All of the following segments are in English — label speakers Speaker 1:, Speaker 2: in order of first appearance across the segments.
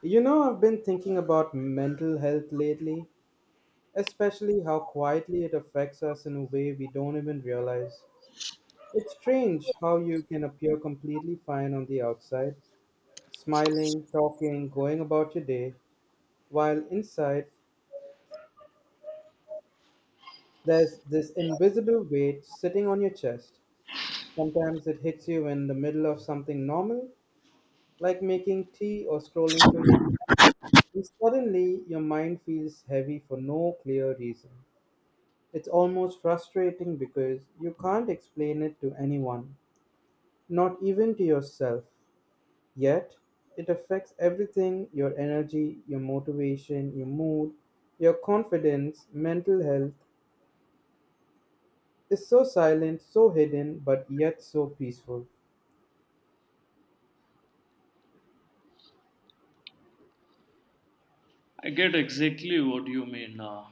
Speaker 1: You know, I've been thinking about mental health lately, especially how quietly it affects us in a way we don't even realize. It's strange how you can appear completely fine on the outside, smiling, talking, going about your day, while inside there's this invisible weight sitting on your chest. Sometimes it hits you in the middle of something normal, like making tea or scrolling through your. And suddenly your mind feels heavy for no clear reason. It's almost frustrating because you can't explain it to anyone, not even to yourself. Yet, it affects everything your energy, your motivation, your mood, your confidence, mental health. It's so silent, so hidden, but yet so peaceful.
Speaker 2: I get exactly what you mean.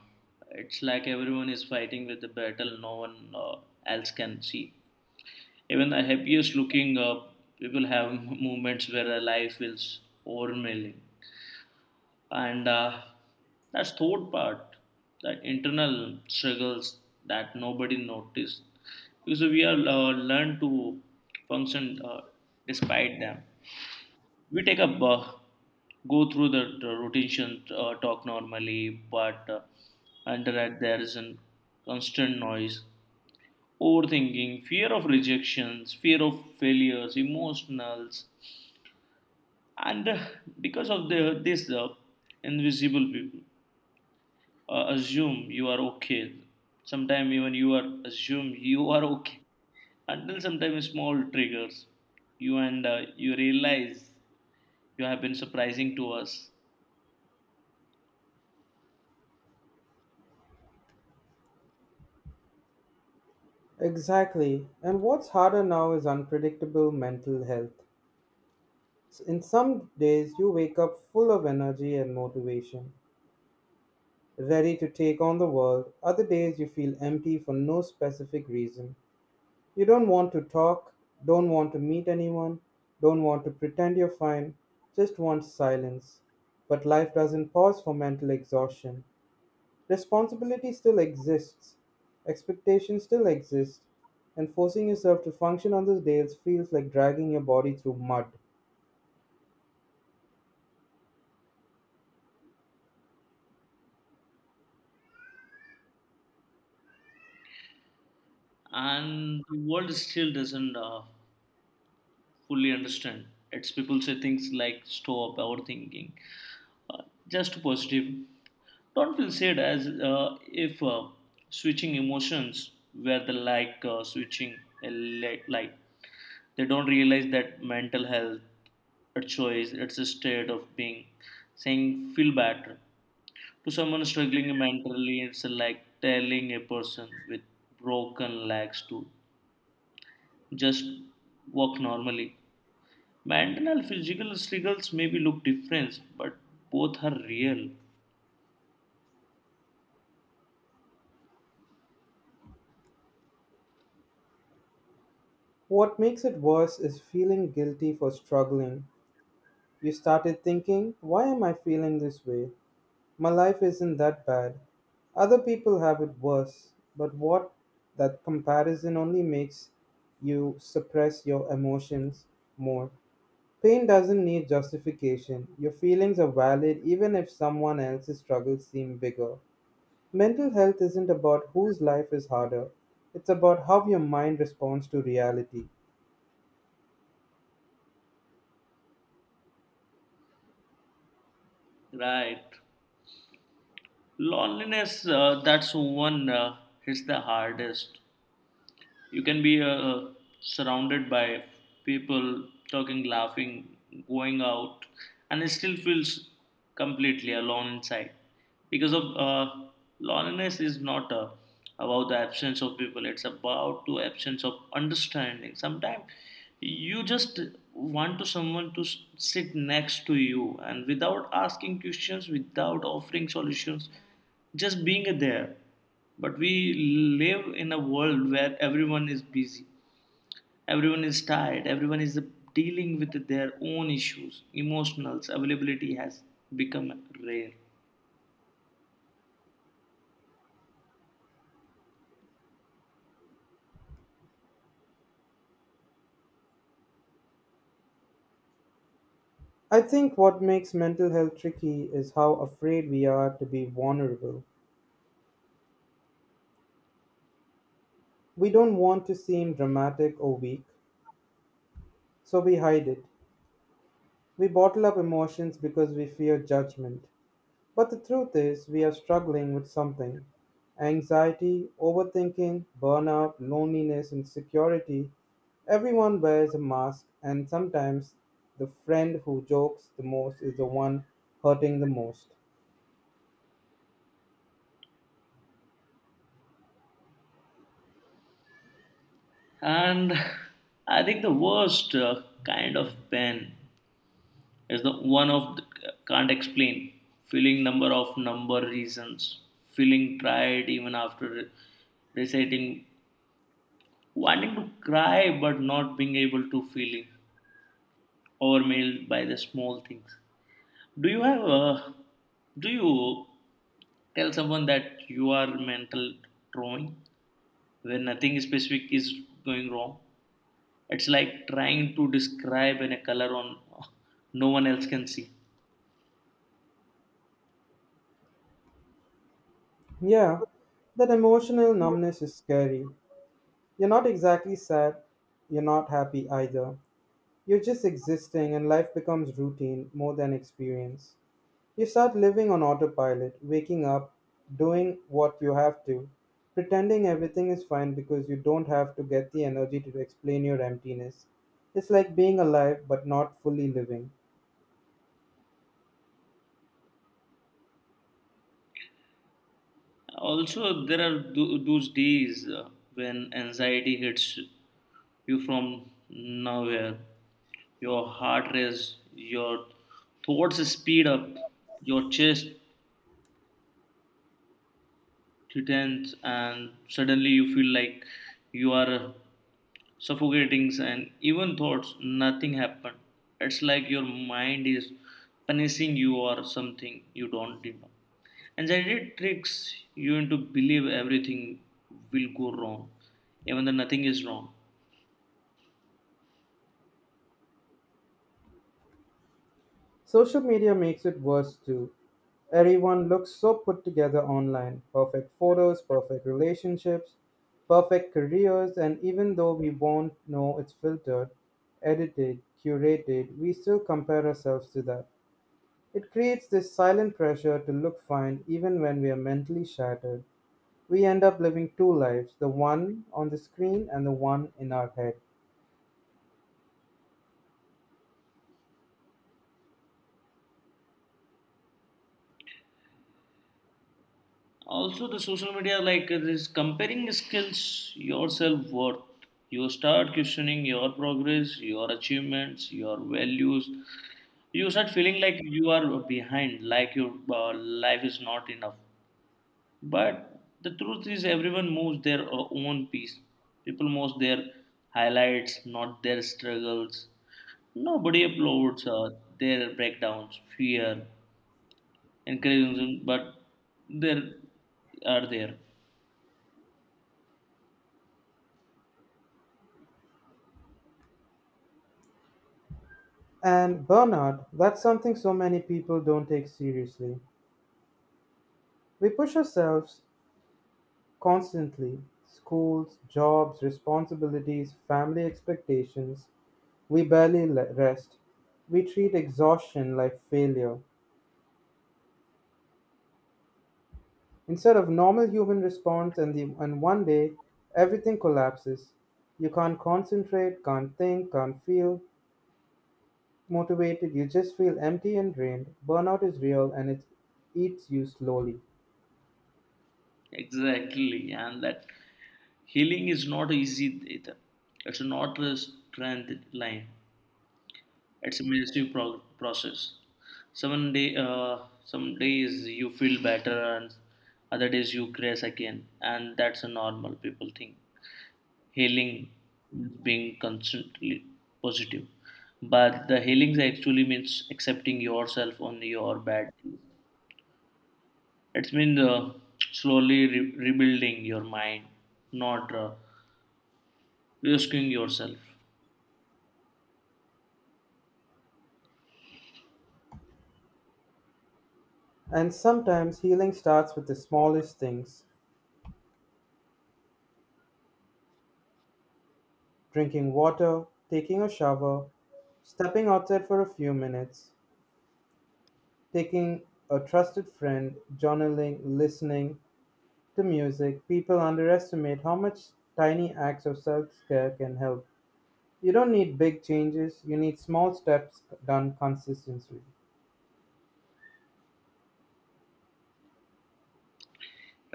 Speaker 2: It's like everyone is fighting with the battle no one else can see. Even the happiest looking people have moments where their life feels overwhelming. And that's third part, that internal struggles that nobody noticed. Because we are learned to function despite them. We take up, go through the rotation, talk normally, but under that there is a constant noise, overthinking, fear of rejections, fear of failures, emotionals, and because of the this invisible people assume you are okay. Sometimes even you are assume you are okay until sometimes small triggers you and you realize you have been surprising to us
Speaker 1: Exactly. And what's harder now is unpredictable mental health. In some days, you wake up full of energy and motivation. Ready to take on the world. Other days you feel empty for no specific reason. You don't want to talk, don't want to meet anyone, don't want to pretend you're fine, just want silence. But life doesn't pause for mental exhaustion. Responsibility still exists, expectations still exist, and forcing yourself to function on those days feels like dragging your body through mud.
Speaker 2: and the world still doesn't fully understand. It's people say things like "stop overthinking," just positive. Don't feel sad as if switching emotions were the like switching a light. They don't realize that mental health, a choice, it's a state of being. Saying feel better to someone struggling mentally, it's like telling a person with broken legs to just walk normally. Mental and physical struggles maybe look different, but both are real.
Speaker 1: What makes it worse is feeling guilty for struggling. You started thinking, why am I feeling this way? My life isn't that bad. Other people have it worse, but what that comparison only makes you suppress your emotions more. Pain doesn't need justification. Your feelings are valid even if someone else's struggles seem bigger. Mental health isn't about whose life is harder, it's about how your mind responds to reality.
Speaker 2: Right. Loneliness, that's one hits the hardest. You can be surrounded by people talking, laughing, going out, and it still feels completely alone inside. Because of loneliness is not about the absence of people, it's about the absence of understanding. Sometimes you just want to someone to sit next to you and without asking questions, without offering solutions, just being there. But we live in a world where everyone is busy, everyone is tired, everyone is dealing with their own issues. Emotionals, availability has become rare.
Speaker 1: I think what makes mental health tricky is how afraid we are to be vulnerable. We don't want to seem dramatic or weak. So we hide it. We bottle up emotions because we fear judgment. But the truth is, we are struggling with something anxiety, overthinking, burnout, loneliness, insecurity. Everyone wears a mask, and sometimes the friend who jokes the most is the one hurting the most.
Speaker 2: And I think the worst kind of pain is the one of the, can't explain, feeling number of number reasons, feeling tired even after reciting, wanting to cry but not being able to, feeling overwhelmed by the small things. Do you have a, do you tell someone that you are mental drawing when nothing specific is going wrong? It's like trying to describe in a color on no one else can see.
Speaker 1: Yeah, that emotional numbness is scary. You're not exactly sad, you're not happy either. You're just existing, and life becomes routine more than experience. You start living on autopilot, waking up, doing what you have to, pretending everything is fine because you don't have to get the energy to explain your emptiness. It's like being alive but not fully living.
Speaker 2: Also, there are those days when anxiety hits you from nowhere. Your heart races, your thoughts speed up, your chest tightens, and suddenly you feel like you are suffocating, and even thoughts nothing happened. It's like your mind is punishing you or something you don't even know. Anxiety tricks you into believe everything will go wrong even though nothing is wrong.
Speaker 1: Social media makes it worse too. Everyone looks so put together online perfect photos, perfect relationships, perfect careers, and even though we won't know it's filtered, edited, curated, we still compare ourselves to that. It creates this silent pressure to look fine even when we are mentally shattered. We end up living two lives the one on the screen and the one in our head.
Speaker 2: Also the social media, like, this comparing skills your self-worth, you start questioning your progress, your achievements, your values. You start feeling like you are behind, like your uh, life is not enough. But the truth is, everyone moves their own piece. People post their highlights, not their struggles. Nobody uploads their breakdowns, fear, and criticism, but there are there.
Speaker 1: And burnout, that's something so many people don't take seriously. We push ourselves constantly schools, jobs, responsibilities, family expectations. We barely rest. We treat exhaustion like failure. Instead of normal human response, and one day everything collapses. You can't concentrate, can't think, can't feel motivated, you just feel empty and drained. Burnout is real and it eats you slowly.
Speaker 2: Exactly, and that healing is not easy either. It's not a strength line. It's a massive process. Some day, some days you feel better, and other days you crash again, and that's a normal people thing. Healing means being constantly positive, but the healing actually means accepting yourself on your bad days. It means slowly rebuilding your mind, not risking yourself.
Speaker 1: And sometimes healing starts with the smallest things drinking water, taking a shower, stepping outside for a few minutes, taking a trusted friend, journaling, listening, the music, people underestimate how much tiny acts of self-care can help. You don't need big changes, you need small steps done consistently.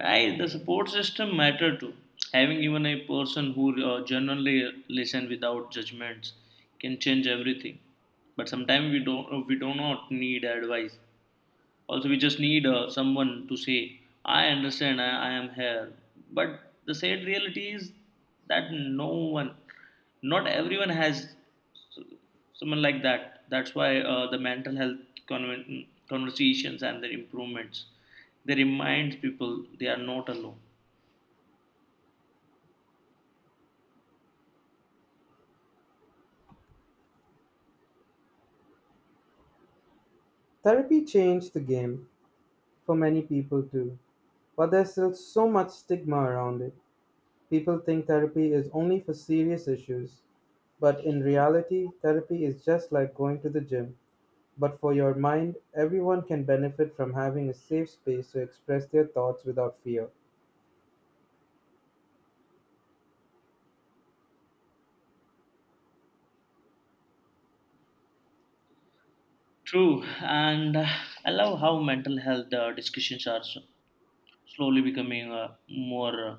Speaker 2: Right, the support system matter too. Having even a person who genuinely listen without judgments can change everything. But sometimes we don't we do not need advice. Also, we just need someone to say, I understand, I am here. But the sad reality is that no one, not everyone has s- someone like that. That's why the mental health conversations and their improvements, they remind people they are not alone.
Speaker 1: Therapy changed the game for many people too, but there's still so much stigma around it. People think therapy is only for serious issues, but in reality, therapy is just like going to the gym. But for your mind, everyone can benefit from having a safe space to express their thoughts without fear.
Speaker 2: True, and I love how mental health discussions are slowly becoming more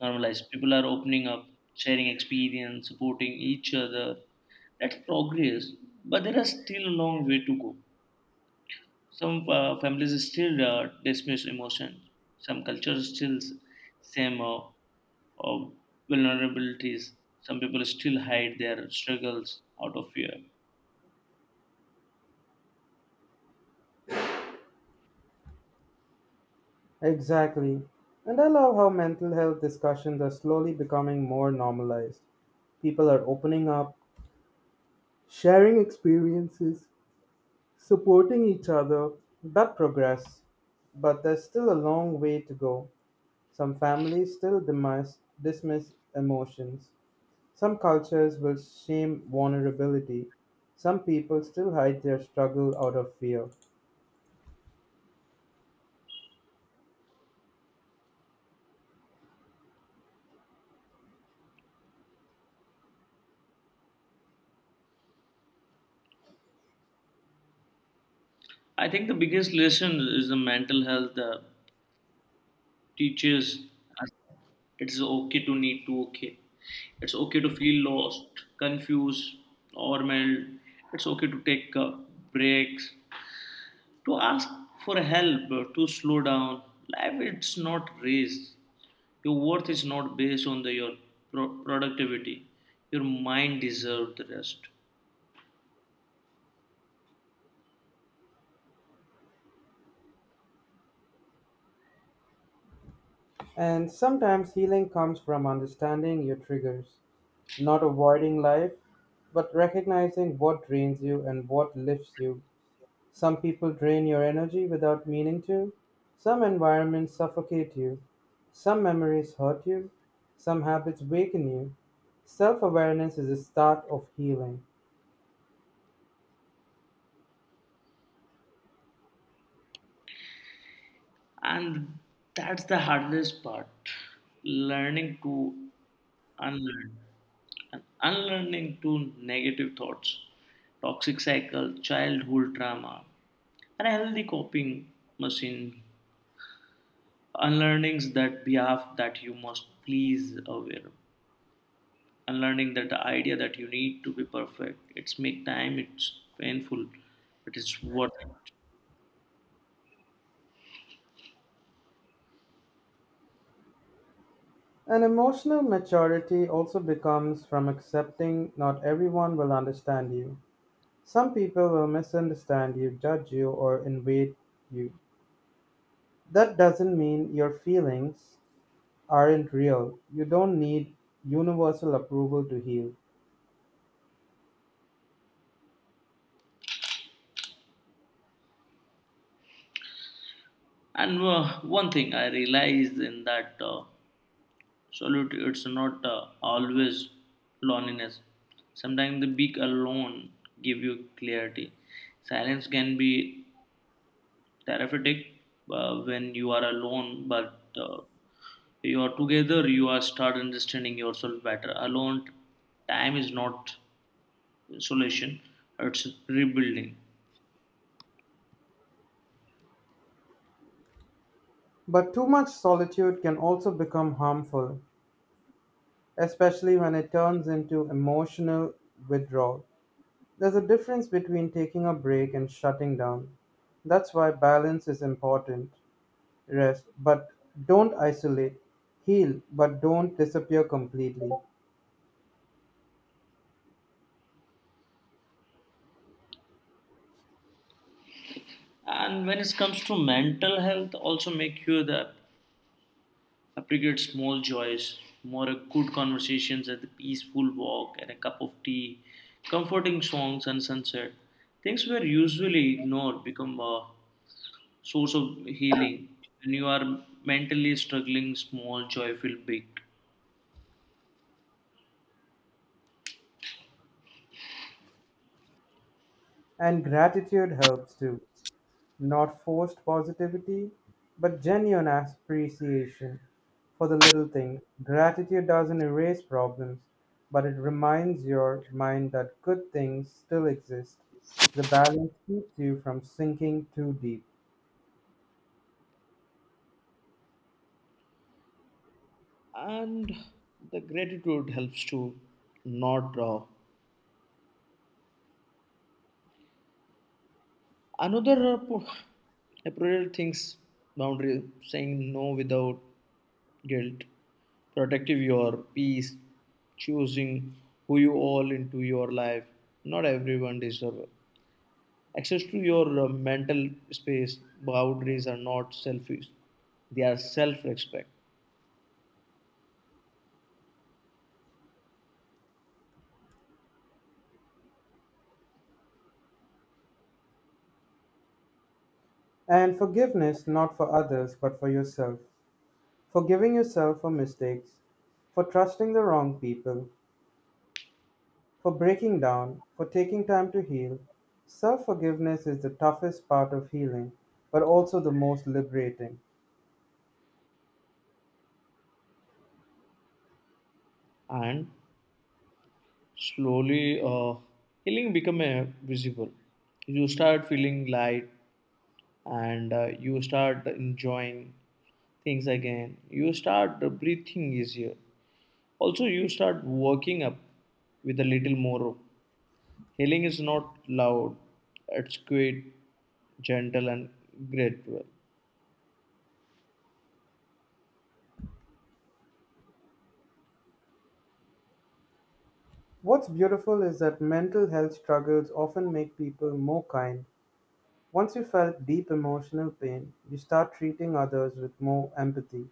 Speaker 2: normalized. People are opening up, sharing experience, supporting each other. That's progress, but there is still a long way to go. Some families still dismiss emotion. Some cultures still same uh, vulnerabilities. Some people still hide their struggles out of fear.
Speaker 1: Exactly. And I love how mental health discussions are slowly becoming more normalized. People are opening up, sharing experiences, supporting each other. That progress. But there's still a long way to go. Some families still dismiss emotions. Some cultures will shame vulnerability. Some people still hide their struggle out of fear.
Speaker 2: I think the biggest lesson is the mental health teaches us it's okay to need to okay. It's okay to feel lost, confused, overwhelmed. It's okay to take breaks, to ask for help, to slow down. Life it's not race. Your worth is not based on the, your productivity. Your mind deserves the rest.
Speaker 1: And sometimes healing comes from understanding your triggers. Not avoiding life, but recognizing what drains you and what lifts you. Some people drain your energy without meaning to. Some environments suffocate you. Some memories hurt you. Some habits weaken you. Self awareness is a start of healing.
Speaker 2: And that's the hardest part, learning to unlearn, and unlearning to negative thoughts, toxic cycle, childhood trauma, and a healthy coping machine. Unlearnings that behalf that you must please aware, and learning that the idea that you need to be perfect, it's make time, it's painful, but it's worth it.
Speaker 1: And emotional maturity also becomes from accepting not everyone will understand you. Some people will misunderstand you, judge you, or invade you. That doesn't mean your feelings aren't real. You don't need universal approval to heal.
Speaker 2: And one thing I realized in that, solitude it's not always loneliness. Sometimes the being alone give you clarity. Silence can be therapeutic when you are alone, but you are together, you are start understanding yourself better. Alone time is not solution, it's rebuilding.
Speaker 1: But too much solitude can also become harmful, especially when it turns into emotional withdrawal. There's a difference between taking a break and shutting down. That's why balance is important. Rest, but don't isolate. Heal, but don't disappear completely.
Speaker 2: And when it comes to mental health, also make sure that appreciate small joys more. Good conversations at the peaceful walk and a cup of tea, comforting songs and sunset, things were usually ignored become a source of healing. When you are mentally struggling, small joy feel big.
Speaker 1: And gratitude helps too. Not forced positivity, but genuine appreciation for the little things. Gratitude doesn't erase problems, but it reminds your mind that good things still exist. The balance keeps you from sinking too deep.
Speaker 2: And the gratitude helps to not draw. Another appropriate things, boundary, saying no without guilt, protective your peace, choosing who you all into your life. Not everyone deserve access to your mental space. Boundaries are not selfish; they are self-respect.
Speaker 1: And forgiveness not for others, but for yourself. Forgiving yourself for mistakes, for trusting the wrong people, for breaking down, for taking time to heal, self forgiveness is the toughest part of healing, but also the most liberating.
Speaker 2: And slowly, healing become visible. You start feeling light, and you start enjoying things again. You start breathing easier. Also, you start waking up with a little more. Healing is not loud, it's quite gentle and gradual.
Speaker 1: What's beautiful is that mental health struggles often make people more kind. Once you felt deep emotional pain, you start treating others with more empathy.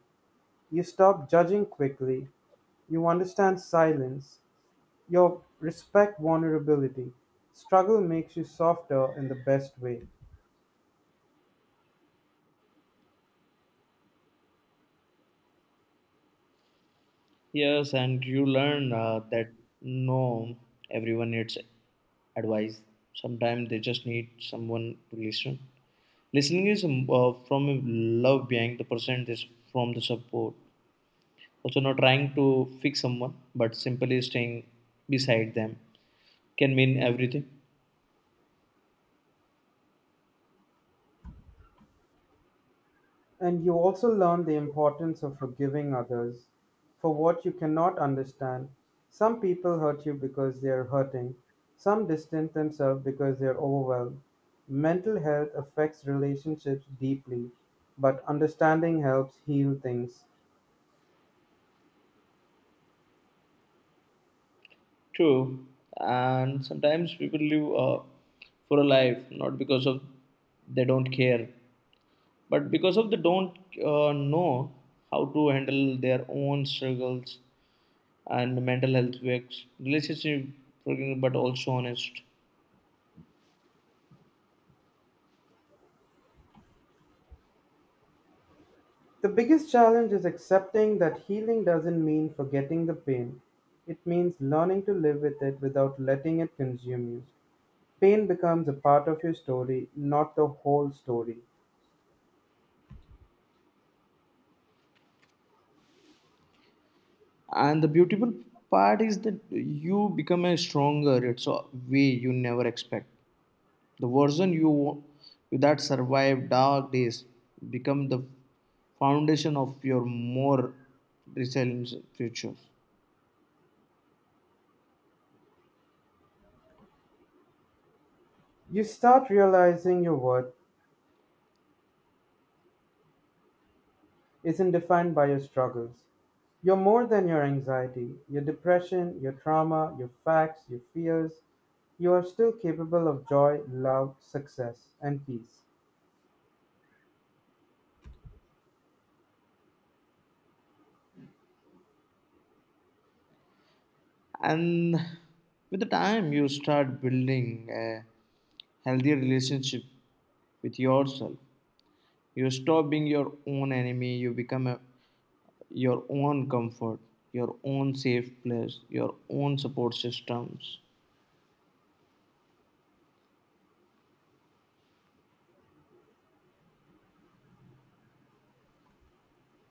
Speaker 1: You stop judging quickly. You understand silence. You respect vulnerability. Struggle makes you softer in the best way.
Speaker 2: Yes, and you learn that no, everyone needs advice. Sometimes they just need someone to listen. Listening is from a love behind the person, is from the support. Also, not trying to fix someone, but simply staying beside them can mean everything.
Speaker 1: And you also learn the importance of forgiving others for what you cannot understand. Some people hurt you because they are hurting, some distance themselves because they are overwhelmed. Mental health affects relationships deeply, but understanding helps heal things.
Speaker 2: True. And sometimes people live for a life not because of they don't care, but because of they don't know how to handle their own struggles. And mental health works, relationship, but also honest.
Speaker 1: The biggest challenge is accepting that healing doesn't mean forgetting the pain. It means learning to live with it without letting it consume you. Pain becomes a part of your story, not the whole story.
Speaker 2: And the beautiful part is that you become a stronger. It's a way you never expect. The version you that survived dark days become the foundation of your more resilient future.
Speaker 1: You start realizing your worth isn't defined by your struggles. You're more than your anxiety, your depression, your trauma, your facts, your fears. You are still capable of joy, love, success, and peace.
Speaker 2: And with the time, you start building a healthy relationship with yourself. You stop being your own enemy. You become a, your own comfort, your own safe place, your own support systems.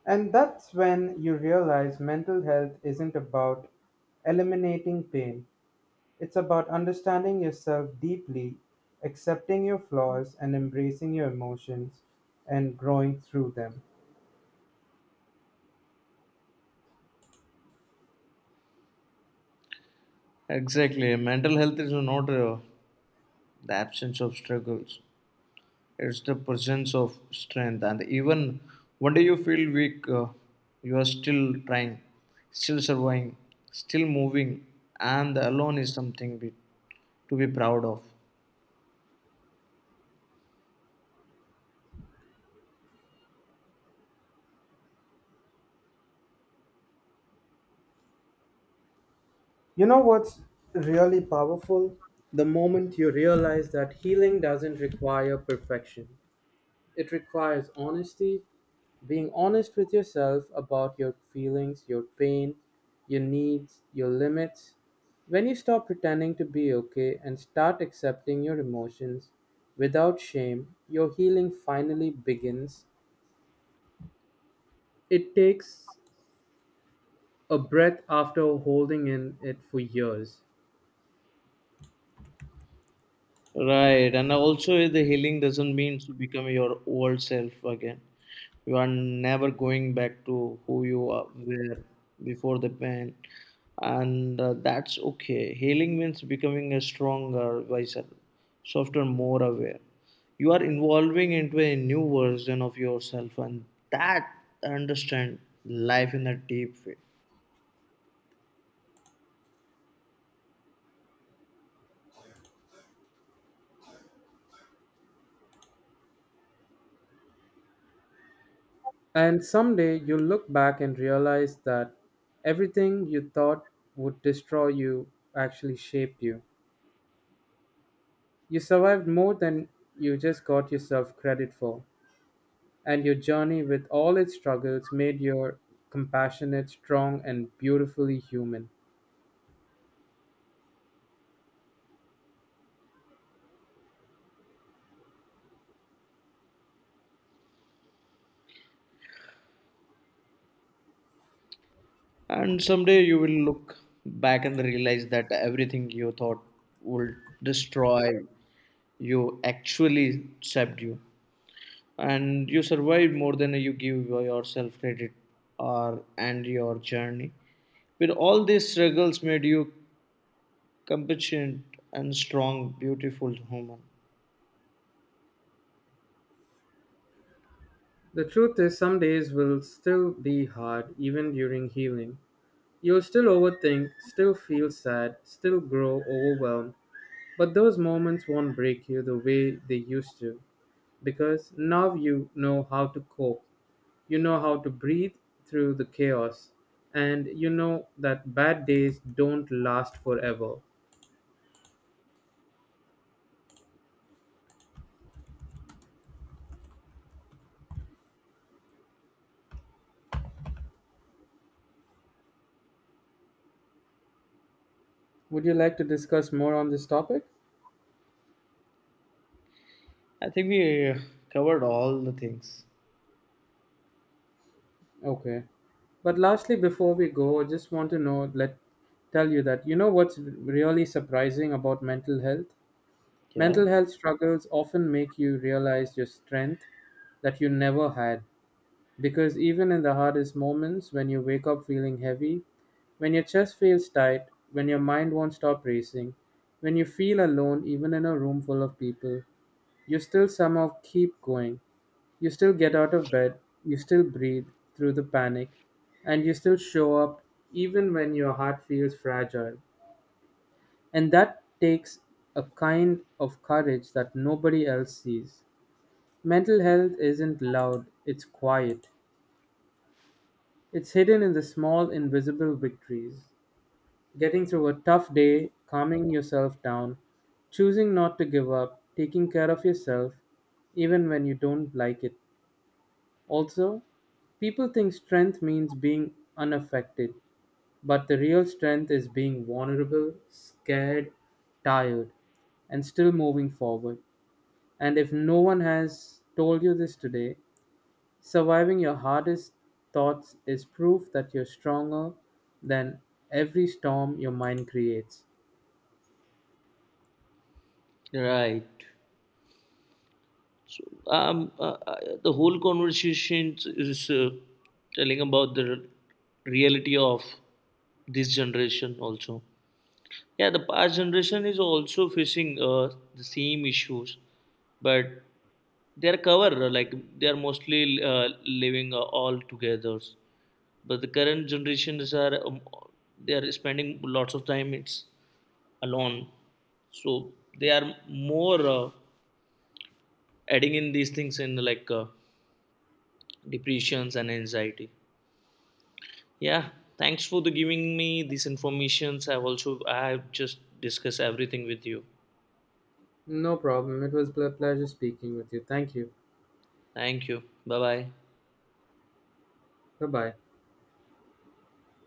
Speaker 1: And that's when you realize mental health isn't about eliminating pain. It's about understanding yourself deeply, accepting your flaws, and embracing your emotions and growing through them.
Speaker 2: Exactly. Mental health is not the absence of struggles, it's the presence of strength. And even one day you feel weak, you are still trying, still surviving, still moving, and alone is something be, to be proud of.
Speaker 1: You know what's really powerful? The moment you realize that healing doesn't require perfection, it requires honesty, being honest with yourself about your feelings, your pain, your needs, your limits. When you stop pretending to be okay and start accepting your emotions without shame, your healing finally begins. It takes a breath after holding in it for years.
Speaker 2: Right, and also the healing doesn't mean to become your old self again. You are never going back to who were before the pain, and that's okay. Healing means becoming a stronger, wiser, softer, more aware. You are evolving into a new version of yourself, and that understand life in a deep way.
Speaker 1: And someday you'll look back and realize that everything you thought would destroy you actually shaped you. You survived more than you just got yourself credit for, and your journey with all its struggles made you compassionate, strong, and beautifully human.
Speaker 2: And someday you will look back and realize that everything you thought would destroy you actually saved you. And you survived more than you give yourself credit or, and your journey. With all these struggles made you competent and strong, beautiful human.
Speaker 1: The truth is, some days will still be hard, even during healing. You'll still overthink, still feel sad, still grow overwhelmed, but those moments won't break you the way they used to, because now you know how to cope. You know how to breathe through the chaos, and you know that bad days don't last forever. Would you like to discuss more on this topic?
Speaker 2: I think we covered all the things.
Speaker 1: Okay. But lastly, before we go, I just want to know, let tell you that you know what's really surprising about mental health.
Speaker 2: Yeah.
Speaker 1: Mental health struggles often make you realize your strength that you never had. Because even in the hardest moments, when you wake up feeling heavy, when your chest feels tight, when your mind won't stop racing, when you feel alone, even in a room full of people, you still somehow keep going. You still get out of bed, you still breathe through the panic, and you still show up even when your heart feels fragile. And that takes a kind of courage that nobody else sees. Mental health isn't loud, it's quiet. It's hidden in the small, invisible victories getting through a tough day, calming yourself down, choosing not to give up, taking care of yourself, even when you don't like it. Also, people think strength means being unaffected, but the real strength is being vulnerable, scared, tired, and still moving forward. And if no one has told you this today, surviving your hardest thoughts is proof that you're stronger than every storm your mind creates.
Speaker 2: Right. So the whole conversation is telling about the reality of this generation also. Yeah, the past generation is also facing the same issues, but they are cover like they are mostly living all together. But the current generations are they are spending lots of time it's alone, so they are more adding in these things in like. Depressions and anxiety. Yeah, thanks for the giving me these informations. I've just discussed everything with you.
Speaker 1: No problem. It was a pleasure speaking with you. Thank you.
Speaker 2: Thank you. Bye bye.
Speaker 1: Bye bye.